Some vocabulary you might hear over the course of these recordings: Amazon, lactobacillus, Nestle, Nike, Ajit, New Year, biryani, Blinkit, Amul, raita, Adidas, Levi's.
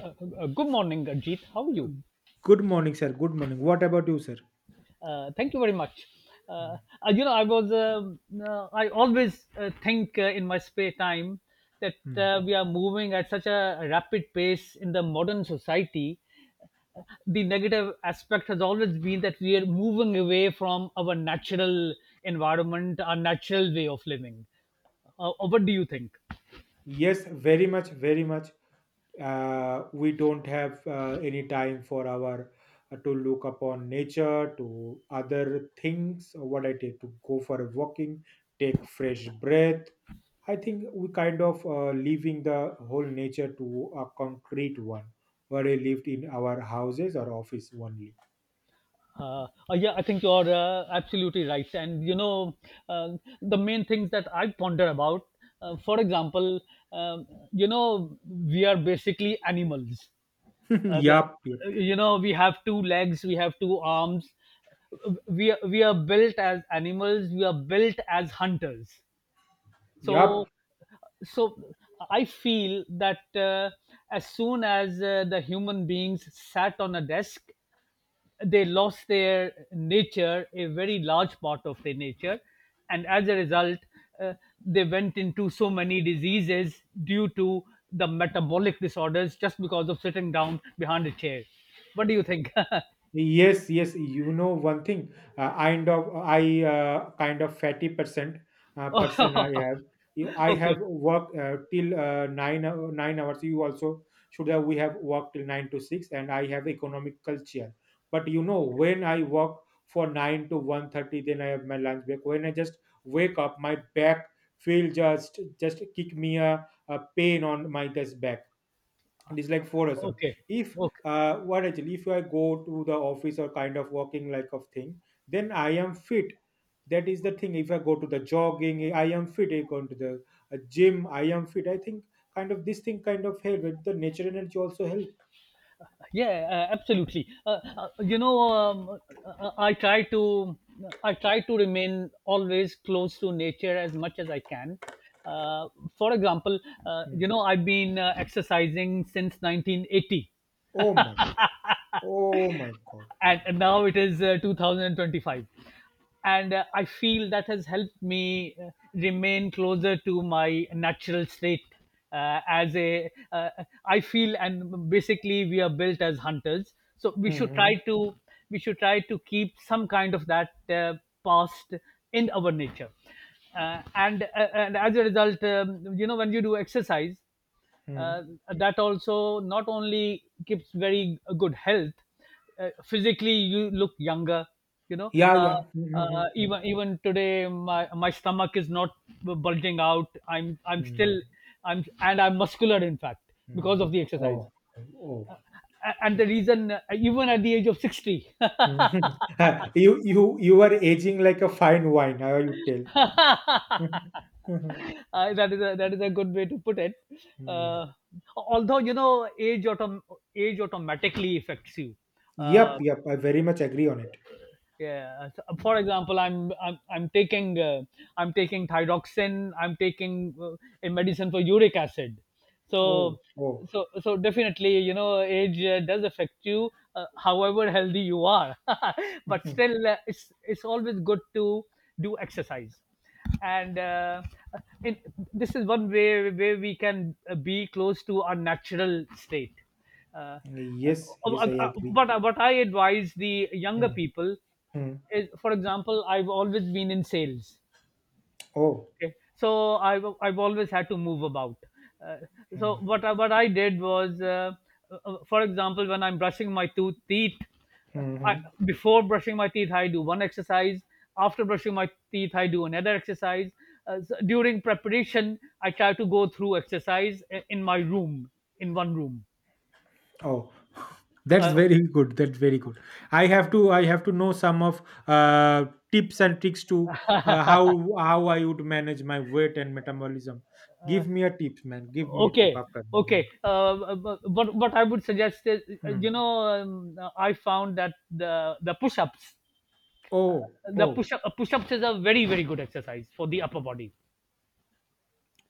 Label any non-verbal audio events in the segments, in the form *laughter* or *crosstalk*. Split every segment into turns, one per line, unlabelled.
Uh, Good morning, Ajit. How are you?
Good morning, sir. Good morning. What about you, sir?
Thank you very much. Uh,
Mm,
you know, I was, I always think in my spare time that
mm.
we are moving at such a rapid pace in the modern society. The negative aspect has always been that we are moving away from our natural environment, our natural way of living. What do you think?
Yes, very much, very much. We don't have any time for our to look upon nature, to other things. Or What I take to go for a walking, take fresh breath. I think we kind of leaving the whole nature to a concrete one, where we lived in our houses or office only.
Uh, yeah, I think you're absolutely right. And you know, uh, the main things that I ponder about, for example, you know, we are basically animals. Uh,
*laughs*
the,
Yup.
you know, we have two legs, we have two arms. We are built as animals. We are built as hunters. So
Yup,
so I feel that as soon as the human beings sat on a desk, they lost their nature, a very large part of their nature, and as a result, uh, they went into so many diseases due to the metabolic disorders just because of sitting down behind a chair. What do you think?
yes, yes. You know one thing. Kind of I kind of fatty percent
*laughs* okay,
person I have. Yeah, I
okay,
have worked till 9 hours. You also should have. We have worked till nine to six, and I have economic culture. But you know when I work for 9 to 1:30, then I have my lunch break. When I just wake up, my back feel just kick me a pain on my this back it is like forism
okay,
if
okay.
what actually if I go to the office or kind of walking like of thing then I am fit. That is the thing. If I go to the jogging I am fit, I go to the gym I am fit. I think kind of this thing kind of help and the nature energy also help.
Yeah, absolutely. You know, I try to, I try to remain always close to nature as much as I can. uh, for example,
Hmm.
you know, I've been exercising since 1980,
Oh my god. Oh my god.
and now it is 2025, and I feel that has helped me remain closer to my natural state. As a I feel, and basically we are built as hunters, so we should try
Hmm.
to, we should try to keep some kind of that past in our nature. uh, and uh, and as a result, you know, when you do exercise,
Hmm.
uh, that also not only gives very good health, physically you look younger, you know.
Yeah,
uh,
yeah.
uh,
Hmm.
even even today, my stomach is not bulging out. i'm i'm
Hmm.
still i'm and i'm muscular, in fact, because
Hmm.
of the exercise.
Oh. Oh.
uh, and the reason, even at the age of 60. *laughs*
*laughs* You are aging like a fine wine, how you tell? *laughs*
*laughs*
Mhm.
That is a, that is a good way to put it.
Hmm.
Uh, Although, you know, age automatically affects you.
Yep,
Uh,
yep, I very much agree on it.
yeah, so, for example, I'm taking I'm taking thyroxin, I'm taking a medicine for uric acid. so
Oh, oh.
so so definitely, you know, age does affect you however healthy you are.
*laughs*
*laughs* but
Mhm.
still, it's always good to do exercise. and uh, uh, in, this is one way where we can be close to our natural state. uh,
Yes,
uh,
yes, I agree.
but what I advise the younger
Hmm,
people
hmm.
is, for example, I've always been in sales.
Oh.
Okay, so I've always had to move about. Uh, so
Hmm,
what I did was, for example, when I'm brushing my tooth teeth, uh,
hmm.
I,
Hmm.
before brushing my teeth, I do one exercise. After brushing my teeth, I do another exercise. So during preparation, I try to go through exercise in my room, in one room.
Oh, that's
Uh,
very good. That's very good. I have to know some of uh tips and tricks to uh, how how I would manage my weight and metabolism. Give me a tip, man. Give me a tip
okay
after. Hmm,
okay but what I would suggest is,
hmm.
you know, I found that the push-ups,
Oh,
the
oh,
push up push-ups is a very good exercise for the upper body.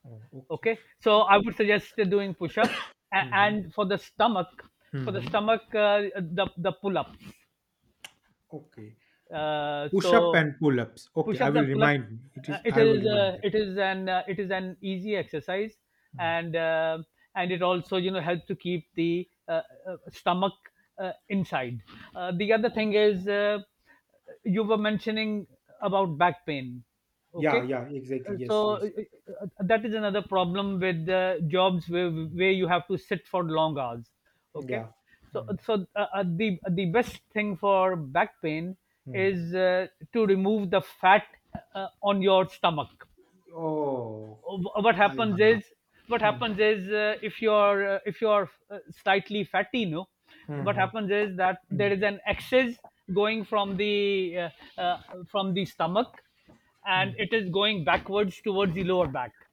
oh, okay.
Okay, so I would suggest doing push-ups. A-
Hmm, hmm.
and for the stomach,
Hmm,
for the
hmm.
stomach the pull-ups.
Okay. Push up
So
and pull ups. Okay, I
push-ups
will
and pull-up,
remind me. It is I will remind that.
it is an easy exercise,
Mm.
and uh, and it also, you know, helps to keep the stomach inside. The other thing is, you were mentioning about back pain.
Yeah,
Okay.
yeah, exactly.
Uh, so
Yes, yes.
uh, that is another problem with jobs where you have to sit for long hours. Okay.
Yeah. Mm,
The best thing for back pain
mm.
is to remove the fat on your stomach.
Oh,
Uh, Wh- what
I
happens is
mm,
if you're slightly fatty, no, what
mhm,
happens is that there
mm,
is an excess going uh, uh, from the stomach, and
mm.
it is going backwards towards the lower back.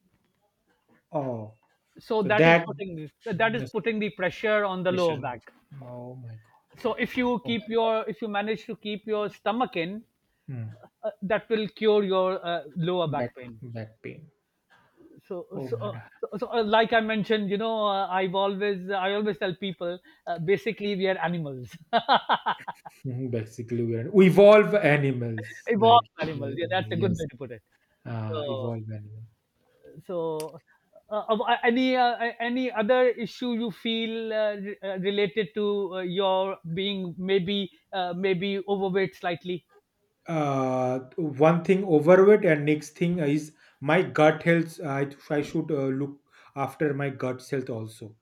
Oh,
So
so
that is
that
putting, that
mm,
is
is
putting the pressure on the
pressure.
lower back.
Oh my god.
So if you
Oh my.
keep your, if you manage to keep your stomach in,
Mm.
that will cure your lower
Back
back pain.
back pain.
so
Oh
so,
my
uh,
god. *laughs*
so, so uh, like I mentioned, you know, I always tell people, basically we are animals. *laughs*
Mhm, basically, we are we evolve animals like
evolved
uh,
animals, yeah, that's a good
yes,
way to put it. so
evolve animals.
so uh, of- uh, any other issue you feel related to your being, maybe maybe overweight slightly?
One thing overweight and next thing is my gut health I should look after my gut health also.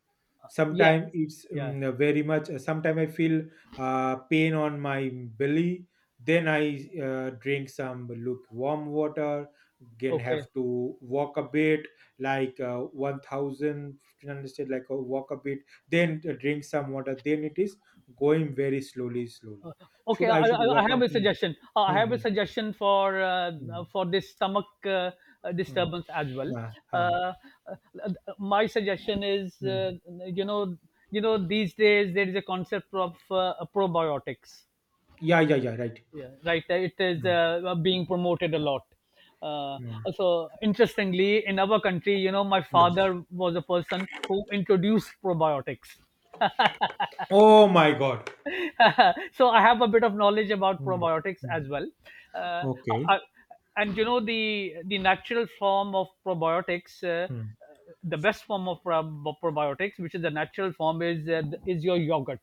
Yeah,
Sometimes it's
yeah,
very much sometimes I feel pain on my belly. Then I drink some lukewarm water, again
okay.
have to walk a bit, like 1000 1,500, like walk a bit, then drink some water, then it is going very slowly.
Okay,
should i should
I
walk on?
have a
Hmm,
suggestion. I
hmm,
have a
hmm.
suggestion
Mm,
for this stomach
mm,
disturbance as well.
ah,
Uh,
ah,
uh, my suggestion is,
mm.
you know, these days there is a concept of probiotics.
Yeah, yeah, yeah, right.
Yeah, right. It is
Mm,
being promoted a lot. Uh,
mm,
so interestingly, in our country, you know, my
mm.
father was a person who introduced probiotics.
Oh my God.
*laughs* so I have a bit of knowledge about
Mm,
probiotics
mm.
as well. Uh,
Okay.
I- and you know, the natural form of probiotics,
Mm.
the best form of probiotics, which is the natural form, is your yogurt.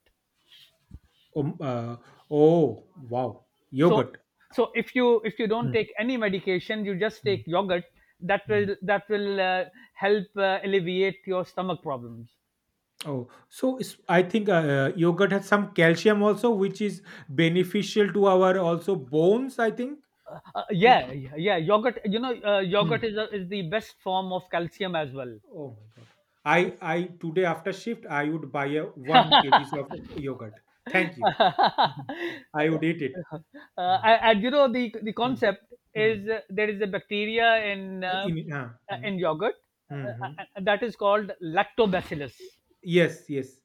Um, uh, oh, wow.
So
Yogurt.
so if you, if you don't
Mm,
take any medication, you just take
mm,
yogurt.
mm.
That will help alleviate your stomach problems.
Oh, so it's, I think yogurt has some calcium also, which is beneficial to our also bones. I think you.
Yeah, yeah, yogurt. You know, yogurt
Mm.
is a, is the best form of calcium as well.
Oh my God. I today after shift I would buy a one kgs of yogurt. Thank you. *laughs* I would eat it.
Uh, and you know, the
Mm.
concept
Mm.
is, there is a bacteria
In, mm,
in yogurt uh,
hmm,
uh,
hmm.
that is called lactobacillus.
Yes, yes.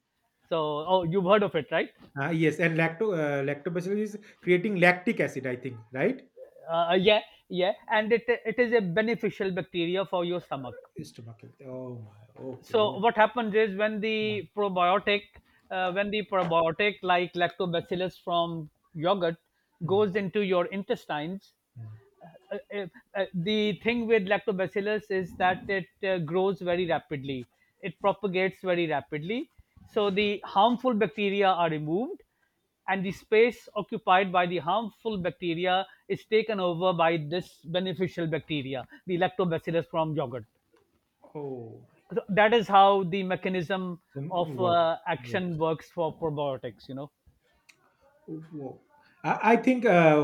So, oh, you've heard of it, right?
Yes, and lactobacillus is creating lactic acid, I think, right?
Yeah, yeah, and it is a beneficial bacteria for your stomach.
Stomach health. Oh my. Okay.
So
Okay.
what happens is when
Mm,
the probiotic, when the probiotic, like lactobacillus from yogurt, goes
mm,
into your intestines,
mm.
uh, uh, the thing with lactobacillus is that it grows very rapidly, it propagates very rapidly, so the harmful bacteria are removed, and the space occupied by the harmful bacteria is taken over by this beneficial bacteria, the lactobacillus from yogurt.
Oh,
So that is how the mechanism
some
of
work, work.
action works for probiotics, you know.
Wo- I think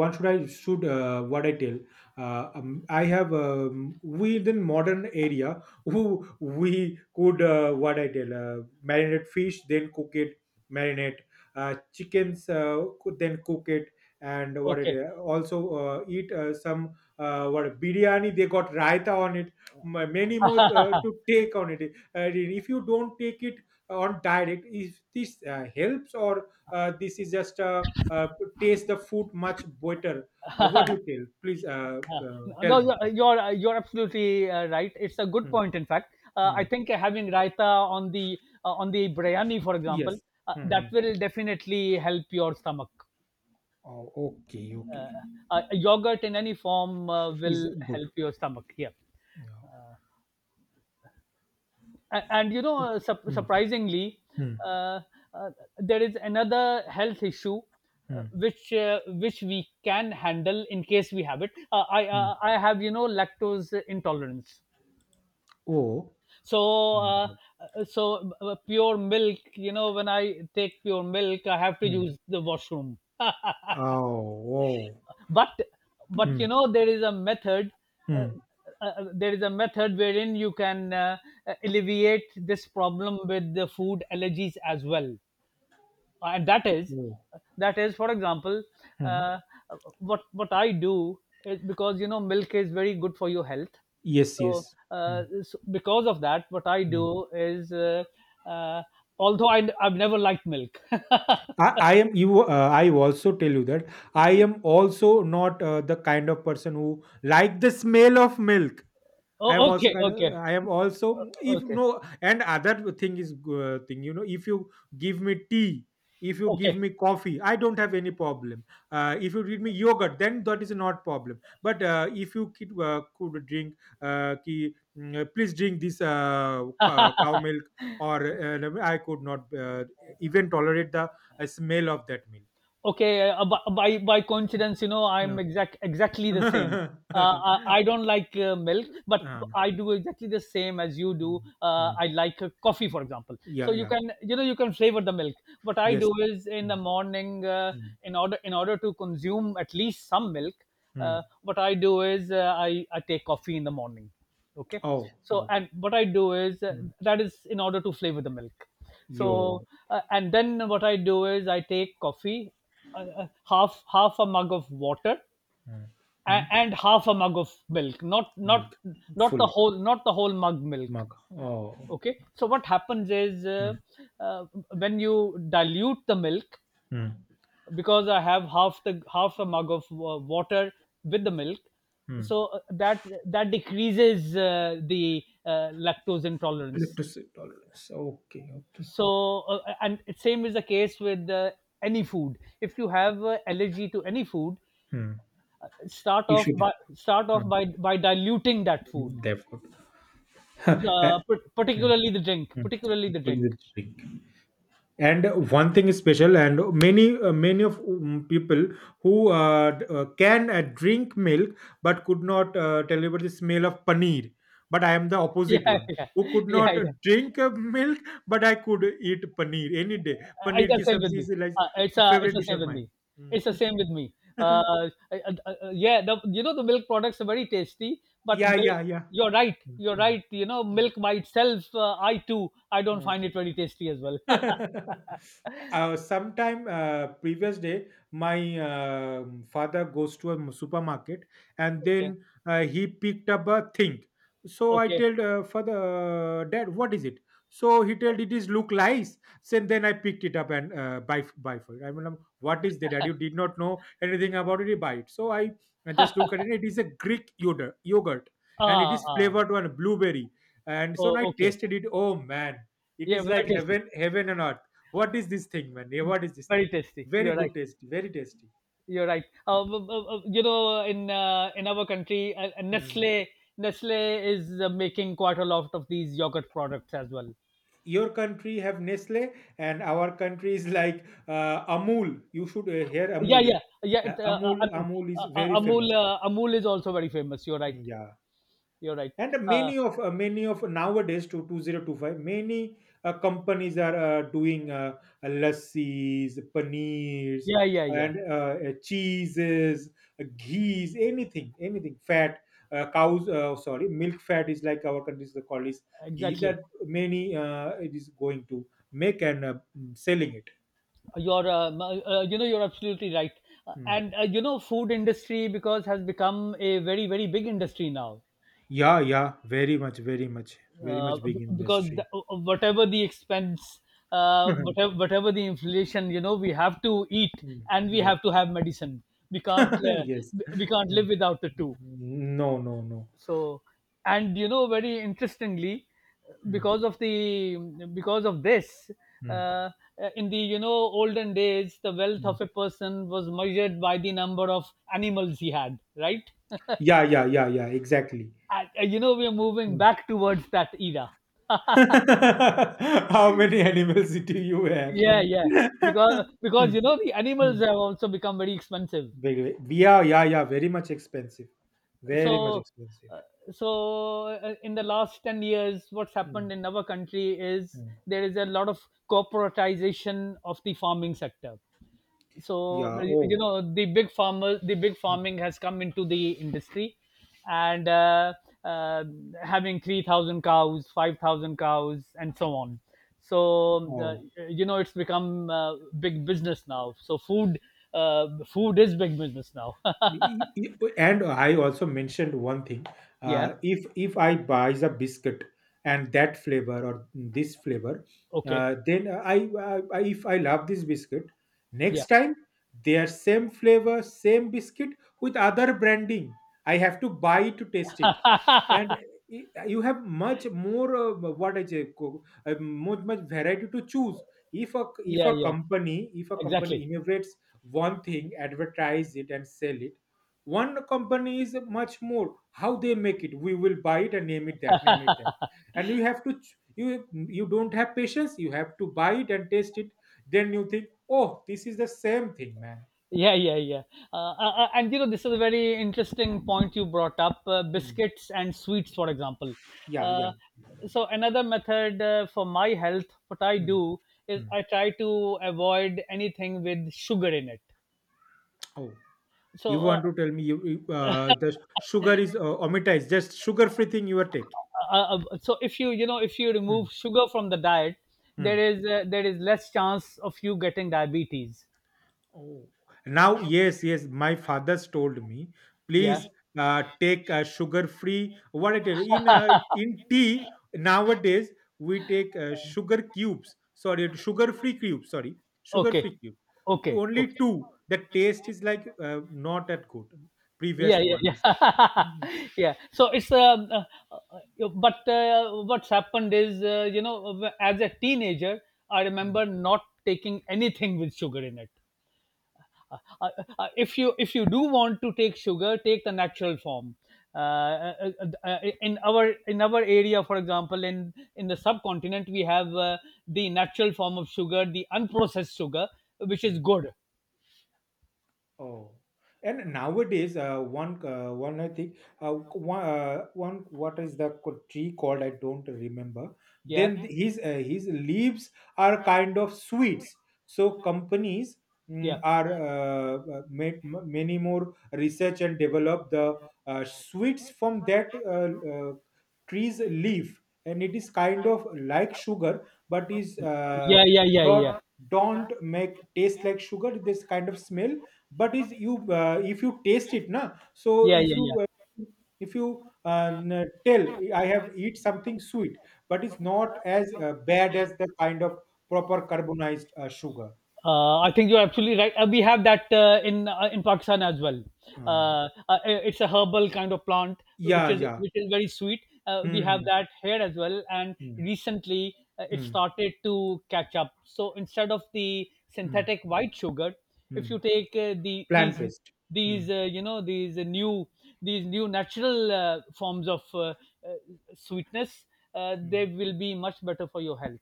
one should I should what I tell. I have we in modern area who we could what I tell marinate fish then cook it, marinate chickens could then cook it, and what it
Okay.
also eat some what biryani they got raita on it, many more
*laughs*
to take on it. If you don't take it on direct, if this helps, or this is just taste the food much better. What do you tell? Please
Yeah.
tell
No,
me.
you're absolutely right. It's a good
Hmm.
point. In fact,
Hmm.
I think having raita on the biryani, for example,
Yes,
that
hmm.
will definitely help your stomach.
Oh, okay, okay.
Uh, Yogurt in any form
Is
will
good.
help your stomach. Yeah,
Yeah.
and you know,
Hmm.
surprisingly,
Hmm.
uh, uh, there is another health issue uh,
Hmm.
which which we can handle in case we have it.
Hmm.
I have, you know, lactose intolerance.
Oh.
so uh,
Mm.
uh, so uh, uh, pure milk, you know, when I take pure milk I have to
Hmm.
use the washroom.
Oh. Oh.
*laughs* but but
Hmm.
you know, there is a method, uh,
Hmm.
there is a method wherein you can alleviate this problem with the food allergies as well. And that is,
Oh,
that is for example,
hmm.
uh, what I do is, because you know, milk is very good for your health.
Yes,
So,
yes. Hmm.
so because of that, what I
Hmm.
do is, uh, although I've never liked milk. *laughs*
I am you. I also tell you that I am also not the kind of person who like the smell of milk.
oh, okay, okay,
I am also if
okay,
no, and other thing is thing you know if you give me tea, if you give
okay.
me coffee I don't have any problem. If you give me yogurt then that is not problem, but if you could, drink please drink this cow
*laughs*
milk or no, I could not even tolerate the smell of that milk.
okay, by coincidence, you know,
Yeah.
I'm exactly the same. I
*laughs*
don't like milk, but
Uh,
I do exactly the same as you do.
mm, mm.
I like coffee, for example, so
Yeah,
you
yeah,
can, you know, you can flavor the milk. What I
yes.
do is in the
Mm,
morning, uh,
mm.
in order in order to consume at least some milk,
Mm.
what I do is, I take coffee in the morning. Okay,
Oh,
so
oh,
and what I do is,
mm.
that is in order to flavor the milk. So,
Yo,
and then what I do is, I take coffee, half a mug of water,
mm.
and,
Mm.
and half a mug of milk, not, not
Milk,
not the
full
whole, not the whole mug milk.
mug. Oh,
Okay, so what happens is,
mm.
uh, when you dilute the milk,
Mm.
because I have half the half a mug of water with the milk,
Mm.
so that that decreases the lactose intolerance.
Electricity tolerance. Okay, okay.
So and it same is the case with any food, if you have allergy to any food,
Hmm, you should.
start off
Hmm,
by diluting that food.
therefore, *laughs*
So,
hmm,
particularly the drink,
hmm.
particularly the
Put
drink
the drink. And one thing is special and many many of people who can drink milk but could not tell you about the smell of paneer, but I am the
*laughs*
opposite
yeah,
one
yeah,
who could
yeah,
not
yeah.
drink milk but I could eat paneer any day.
It's
Paneer ki
the same with
sabzi
me.
is like
It's
favorite
the
dish
same
of
with
mine.
me. It's the same with
Mm.
me.
*laughs*
Yeah, you know, the milk products are very tasty, but
Yeah,
milk.
yeah, yeah.
You're right.
Mm,
You're
mm,
right. You know, milk by itself, I too, I don't
mm.
find it very tasty as well. *laughs*
*laughs* Sometime previous day my father goes to a supermarket and
Okay.
then he picked up a thing, so I
Okay.
told father, dad, what is it? So he told it is look nice. So then I picked it up and buy for it. I mean what is that, Dad? You did not know anything about it, you buy it. So I just
*laughs*
look at it, it is a greek yogurt, and it
ah,
is
ah.
flavored one blueberry. And so when I
Oh, okay.
tasted it, oh man, it
Yeah,
is
very
like
tasty.
heaven, heaven on earth. What is this thing, man? Eh, what is this thing?
Very tasty.
Very
You're right.
good taste, very tasty.
You're right. You know, in our country,
Mm.
Nestle is making quite a lot of these yogurt products as well.
Your country have Nestle, and our country is like Amul. You should hear
Yeah,
Amul.
yeah, yeah.
Amul is very
Amul
famous.
uh, Amul is also very famous. You're right.
Hmm, yeah.
You're right.
And
Uh,
many of nowadays to 2025 many companies are doing lassis, paneers
yeah, yeah, yeah.
and cheeses, ghees, anything anything fat, cows sorry milk fat is like our country is called is ghee,
Exactly.
that many it is going to make and selling it.
You know you're absolutely right.
Mm.
And you know, food industry because has become a very big industry now.
Yeah, yeah, very much, very much. Very much big
Because
industry.
the,
*laughs*
whatever the inflation, you know, we have to eat,
Mm.
and we have to have medicine. We can't uh,
*laughs* Yes.
we we can't
Mm.
live without the two.
No, no, no.
So, and you know, very interestingly,
Mm,
because of the, because of this,
mm,
uh, in the, you know, olden days, the wealth
mm.
of a person was measured by the number of animals he had, right?
Yeah, yeah, yeah, yeah, exactly.
And, you know, we are moving
Mm.
back towards that era.
*laughs*
*laughs*
How many animals *laughs* do you have,
yeah
man?
yeah Because
Mm,
you know, the animals
mm.
have also become very expensive.
Very- yeah, yeah, yeah, very much expensive. Very much
so
expensive.
uh, so uh, in the last 10 years what's
Mm,
happened in our country is
mm.
there is a lot of corporatization of the farming sector. So,
Yeah,
you
oh.
know, the big farmer, the big
Mm,
farming has come into the industry. And uh, having 3,000 cows, 5,000 cows, and so on. So,
oh.
you know, it's become big business now. So food, food is big business now. *laughs*
And I also mentioned one thing.
Yeah.
If I buys a biscuit and that flavor or this flavor,
Okay.
then I if I love this biscuit,
Yeah.
next time they are same flavor same biscuit with other branding, I have to buy to taste it. And
*laughs*
you have much more what I say co- much much variety to choose. If
yeah
a
yeah
company, if a company
exactly.
innovates one thing, advertise it and sell it, one company is much more, how they make it, we will buy it and name it that, name it that, and you have to you don't have patience, you have to buy it and taste it, then you think oh this is the same thing, man.
Yeah, yeah, yeah. And you know, this is a very interesting point you brought up,
Hmm.
biscuits and sweets, for example.
Yeah, yeah.
Uh, so, another method, for my health, what I
Hmm.
do is
Hmm.
I try to avoid anything with sugar in it.
Oh, you
So, uh,
want to tell me you, the sugar is omitized, just sugar free thing you are taking.
so, if you, you know if you
Hmm.
remove sugar from the diet, there
Hmm.
is uh, there is less chance of you getting diabetes.
Oh, now yes, yes. My father's told me,
Yeah.
please take sugar-free. What it is
*laughs*
in tea nowadays. We take sugar cubes. Sorry, sugar-free cubes. Sorry,
Okay.
sugar-free cubes. To
Okay.
only
Okay.
two. The taste is like not that good.
yeah
Previous
yeah
one is.
yeah
Mm,
*laughs* Yeah. So it's um, uh, uh, but uh, what's happened is, you know, as a teenager I
mm,
remember not taking anything with sugar in it. uh, uh, if you, if you do want to take sugar, take the natural form. In our, in our area, for example, in the subcontinent, we have, the natural form of sugar, the unprocessed sugar, which is
mm.
good.
Oh, and nowadays, one one I think one, one, what is the tree called? I don't remember.
Yeah.
Then his leaves are kind of sweets. So companies
Yeah.
mm, are made many more research and develop the sweets from that tree's leaf, and it is kind of like sugar, but is
Yeah. Yeah. Yeah.
not.
Yeah. Yeah.
Don't make taste like sugar. This kind of smell, but is you if you taste it na, so
Yeah.
if
Yeah. Yeah.
you tell I have eat something sweet, but it's not as bad as the kind of proper carbonized sugar.
I think you're absolutely right. We have that in Pakistan as well.
uh,
It's a herbal kind of plant which
yeah,
is,
yeah.
which is very sweet. We have
Hmm.
that here as well, and
Hmm.
recently, it
Mm-hmm.
started to catch up. So instead of the synthetic white sugar, if
Mm-hmm.
you take, the
Plant based. Hmm.
these you know these new, these new natural, forms of, uh, sweetness, they
Hmm.
will be much better for your health.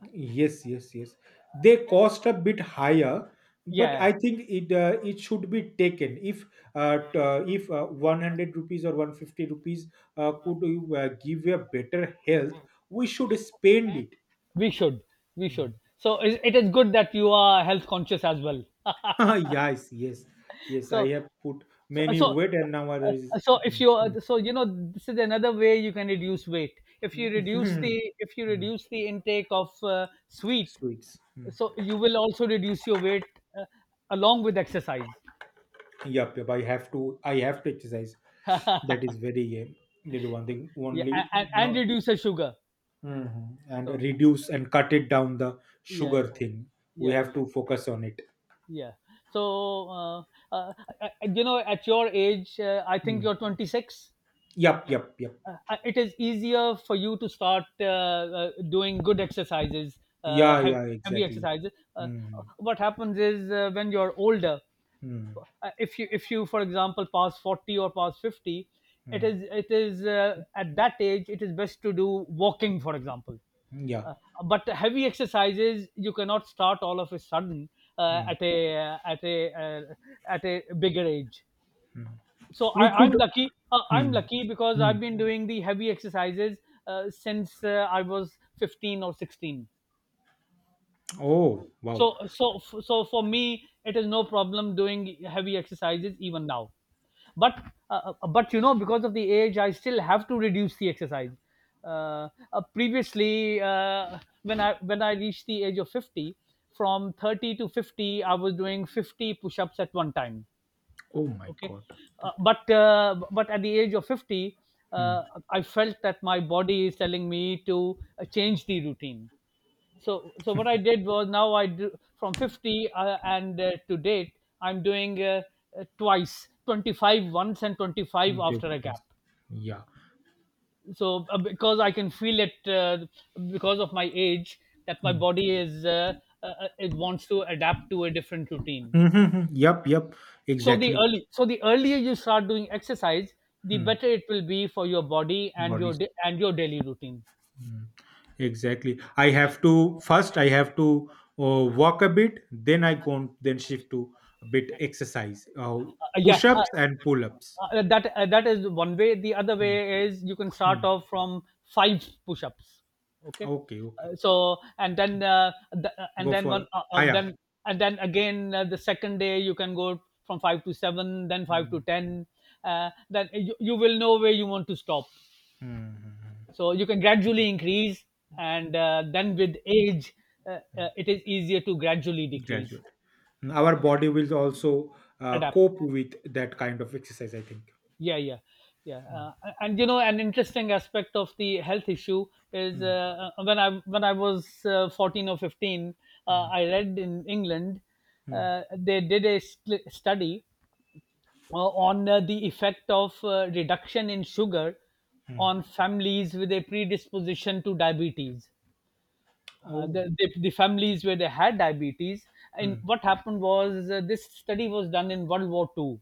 Yes, yes, yes. They cost a bit higher, but
Yeah.
I think it should be taken. If 100 rupees or 150 rupees could give you a better health, we should spend it.
we should we
Hmm.
should So it is good that you are health conscious as well. *laughs*
*laughs* Yes, yes, yes. I
so
have put
so
many
so
weight and now there is
so
Hmm,
if you are
hmm,
so you know, this is another way you can reduce weight. if you
hmm,
reduce the
*laughs*
if you
hmm.
reduce the intake of, sweet,
Sweets. Hmm.
so you will also reduce your weight, uh, along with exercise.
Yep, yep. I have to. I have to exercise.
*laughs* Yeah.
That is very. That is one thing. Only
And
not.
reduce the sugar.
Mhm. And
So,
reduce and cut it down the
yeah,
sugar
yeah,
thing. We
yeah,
have
yeah,
to focus on it.
yeah. So uh, you know, at your age, I think
Mm.
you're 26.
Yep, yep, yep.
uh, it is easier for you to start, doing good exercises,
Yeah,
heavy,
yeah,
heavy
exactly.
exercises.
Mm.
What happens is, when you're older,
Mm.
if you, if you for example pass 40 or pass 50,
Mm.
it is at that age it is best to do walking, for example.
Yeah.
uh, but heavy exercises you cannot start all of a sudden, uh,
Mm.
at a uh, at a uh, at a bigger age.
Mm.
So
We could.
I'm lucky. I'm
Mm.
lucky because I've
Mm.
been doing the heavy exercises, since, I was 15 or 16.
Oh, wow.
So, for me, it is no problem doing heavy exercises even now. But, but, you know, because of the age, I still have to reduce the exercise. Uh, Previously, when I, when I reached the age of 50, from 30 to 50, I was doing 50 push-ups at one time.
Oh my
Okay.
god.
But at the age of 50, uh,
Mm.
I felt that my body is telling me to, change the routine. So, what I did was, now I do from 50, and, to date I'm doing, twice 25, once, and 25
Okay.
after a gap.
Yeah.
Because I can feel it, because of my age, that my
Mm.
body is, it wants to adapt to a different routine.
Mhm. Yep, yep,
So the
exactly.
early so the earlier you start doing exercise, the
Mm.
better it will be for your body and
Body.
your, and your daily routine.
Mm. Exactly. I have to first, I have to walk a bit, then I go on, then shift to a bit exercise, push
Yeah.
ups and pull ups.
That is one way. The other
Mm.
way is, you can start
Mm.
off from five push-ups. Okay.
Okay, okay.
So, and then, the, and
Go
then one
for higher.
then and then again, the second day you can go from five to seven, then five to
Mm.
ten. Then you will know where you want to stop.
Mm. Mm,
So you can
mm.
gradually increase, and, then with age, it is easier to gradually decrease.
Graduate. Our body will also
Adapt.
cope with that kind of exercise, I think.
Yeah, yeah, yeah.
Mm.
And you know, an interesting aspect of the health issue is,
Mm.
when I, when I was, 14 or 15,
Mm.
I read in England,
Mm.
they did a, study, on, the effect of, reduction in sugar
Mm.
on families with a predisposition to diabetes, uh,
Oh.
the, the, the families where they had diabetes. And
Mm.
what happened was, this study was done in World War II.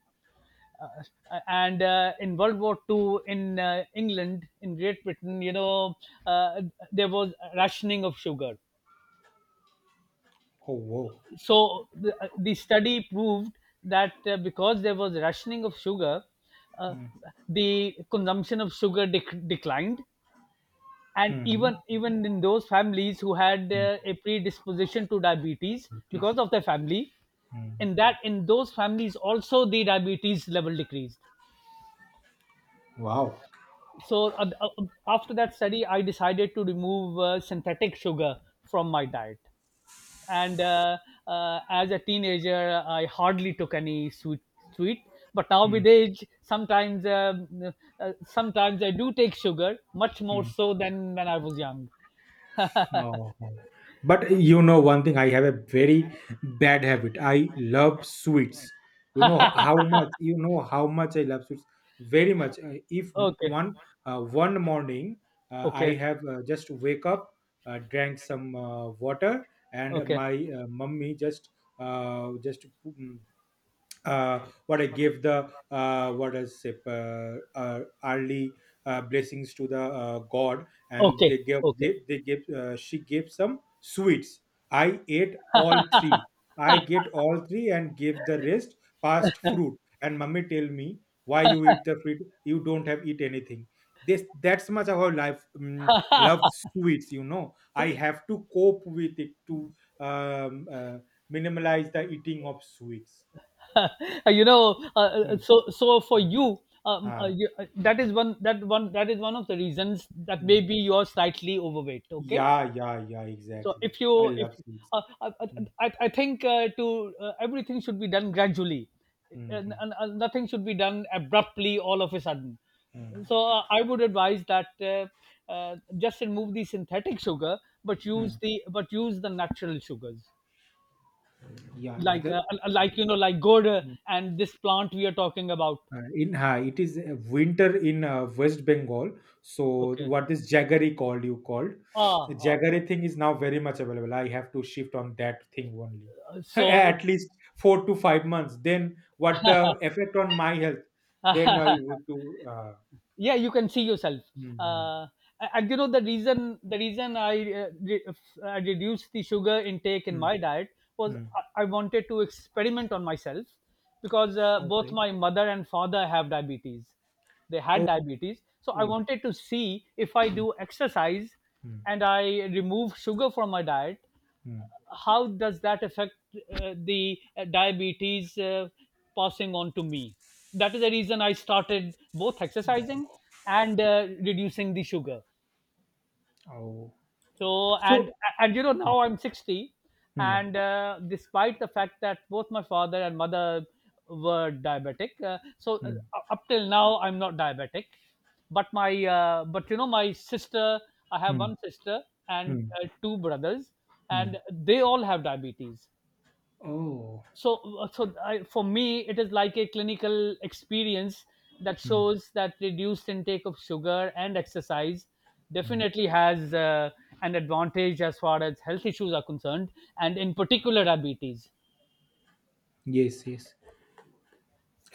Uh, and In World War Two, in England, in Great Britain, you know, uh, there was rationing of sugar.
Oh. Whoa.
So the, the study proved that, because there was rationing of sugar, uh,
Mm.
the consumption of sugar, declined. And
Mm-hmm.
even in those families who had,
Mm.
a predisposition to diabetes
It is.
because of their family,
Mm.
in those families also, the diabetes level decreased.
Wow.
So, after that study, I decided to remove, synthetic sugar from my diet. And, as a teenager, I hardly took any sweet. Sweet, but now
Hmm.
with age sometimes, sometimes I do take sugar, much more
Mm.
so than when I was young.
Oh, okay. But you know one thing, I have a very bad habit. I love sweets. You know how much I love sweets very much. If m-
Okay.
one One morning, I
Okay.
have just wake up, drank some water, and
Okay,
my mummy just, uh, just mm, uh, what I give the, early blessings to the God, and
okay, okay.
they give she gave some sweets. I ate all three. I get all three and give the rest past fruit. And mummy tell me, why you eat the fruit? You don't have eat anything. This that's much how life love sweets. You know, I have to cope with it to um, uh, minimize the eating of sweets.
You know,
Hmm.
so, for
Mm.
you,
Ah,
you that is one that is one of the reasons that
mm.
maybe you are slightly overweight. Okay.
Yeah, yeah, yeah,
So,
exactly.
if
I
you if
love sweets.
uh, uh, uh,
Mm,
I think, to everything should be done gradually,
mm,
and,
mm,
and, and nothing should be done abruptly all of a sudden.
mm,
So, I would advise that, just remove the synthetic sugar, but use
mm.
the, but use the natural sugars.
Yeah,
Like,
the,
like, you know, like good,
mm,
and this plant we are talking about.
in it is winter in West Bengal. So
Okay.
what is jaggery called? You called
Ah.
jaggery thing is now very much available. I have to shift on that thing only. *laughs*
So,
At least 4 to 5 months. Then what the effect on my health? Then I would
*laughs*
do.
yeah, you can see yourself.
Mm, mm,
uh, and you know, the reason, the reason I, I reduced the sugar intake in
mm,
my diet was,
mm.
I wanted to experiment on myself, because, both
Okay.
my mother and father have diabetes. They had
Oh.
diabetes. So I
Oh,
wanted to see, if I
mm,
do exercise
mm,
and I remove sugar from my diet,
mm.
how does that affect, the, diabetes, passing on to me. That is the reason I started both exercising
Oh,
and, reducing the sugar.
oh.
So, and
So
and you know,
mm,
now I'm 60.
mm,
And, despite the fact that both my father and mother were diabetic,
mm,
up till now I'm not diabetic. But my, but you know, my sister, I have
mm,
one sister and,
mm,
two brothers,
mm.
and they all have diabetes.
Oh,
So, for me it is like a clinical experience that
mm,
shows that reduced intake of sugar and exercise
mm.
definitely has, an advantage as far as health issues are concerned, and in particular diabetes.
Yes, yes.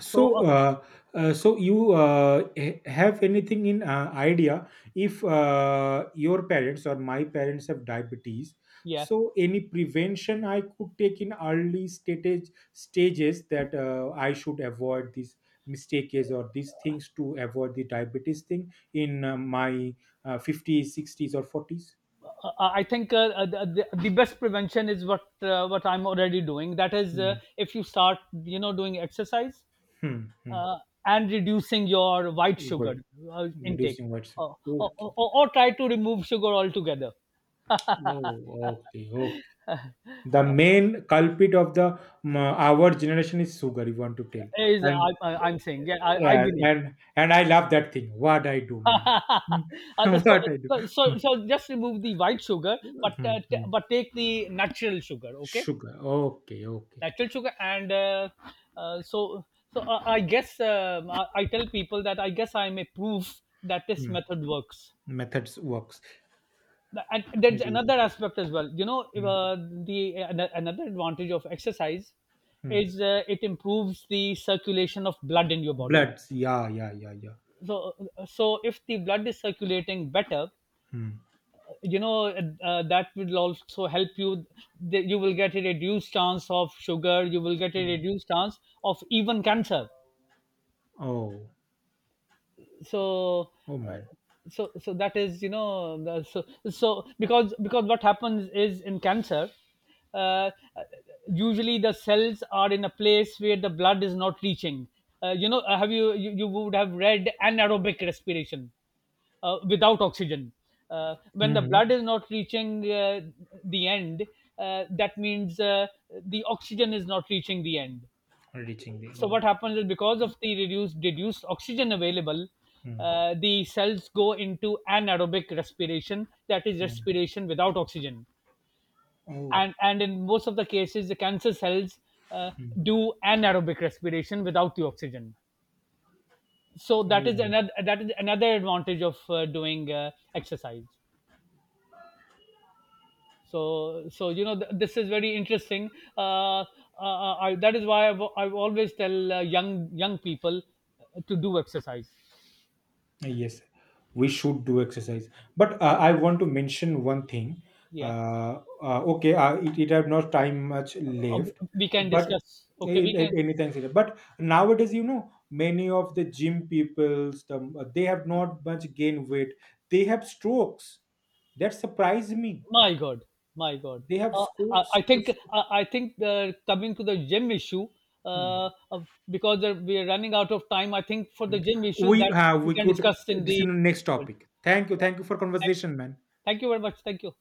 So,
So, so you have anything in idea if your parents or my parents have diabetes?
yeah,
So, any prevention I could take in early stage stages that I should avoid these mistakes or these things to avoid the diabetes thing in my 50s, 60s, or 40s?
I think, the best prevention is what, what I'm already doing. That is,
Hmm.
if you start, you know, doing exercise,
Hmm. Hmm.
uh, and reducing your white sugar,
But
intake.
reducing what's
or, or,
okay.
or, or try to remove sugar altogether. *laughs*
Oh, okay, okay. The main culprit of the our generation is sugar. You want to tell,
Is,
and
I'm saying, yeah, I
uh,
believe.
and
*laughs*
and I love that thing. What I do, man? Hmm. *laughs*
So,
What I do?
so, just remove the white sugar, but,
Hmm, hmm.
but take the natural sugar. Okay.
Sugar. Okay, okay.
Natural sugar. And, so, so I guess, I tell people that I guess I'm a proof that this
Hmm.
method works.
Methods works
And there's another
really.
aspect as well, you know, if,
Hmm.
the, another advantage of exercise
Hmm.
is, it improves the circulation of blood in your body.
Bloods. Yeah, yeah, yeah, yeah.
So, if the blood is circulating better,
Hmm.
you know, that will also help you, that you will get a reduced chance of sugar. You will get a
Hmm.
reduced chance of even cancer.
Oh,
So,
oh
uh,
man.
that is, you know, so, because what happens is, in cancer, uh, usually the cells are in a place where the blood is not reaching, you know, have you, you you would have read anaerobic respiration, without oxygen. When the
Hmm.
blood is not reaching, the end, that means, the oxygen is not reaching the end.
Reaching the
So
oh.
what happens is, because of the reduced oxygen available,
Hmm.
the cells go into anaerobic respiration, that is
Hmm.
respiration without oxygen.
Oh.
And in most of the cases, the cancer cells, uh,
Mm.
do anaerobic respiration without the oxygen. So that is
Oh,
another, that is another advantage of, doing, exercise. So, you know, this is very interesting. uh, uh, that is why I always tell, young people, to do exercise.
yes, we should do exercise. But I want to mention one thing.
Yeah.
Okay, it, it have not time much
Uh,
left,
we can
but
discuss. Okay, we can.
in, anything like that. But nowadays, you know, many of the gym peoples, the, they have not much gain weight. They have strokes. That surprised me.
My God, my God.
They have
I,
scores.
I think, I think, coming to the gym issue,
Hmm.
uh, uh, because we are running out of time. I think for
Hmm.
the gym issue,
We
that
have.
we
We
can
could.
discuss in
This is the
the.
next topic. Thank you.
Yeah.
Thank you for
Thank you.
conversation, man.
Thank you very much. Thank you.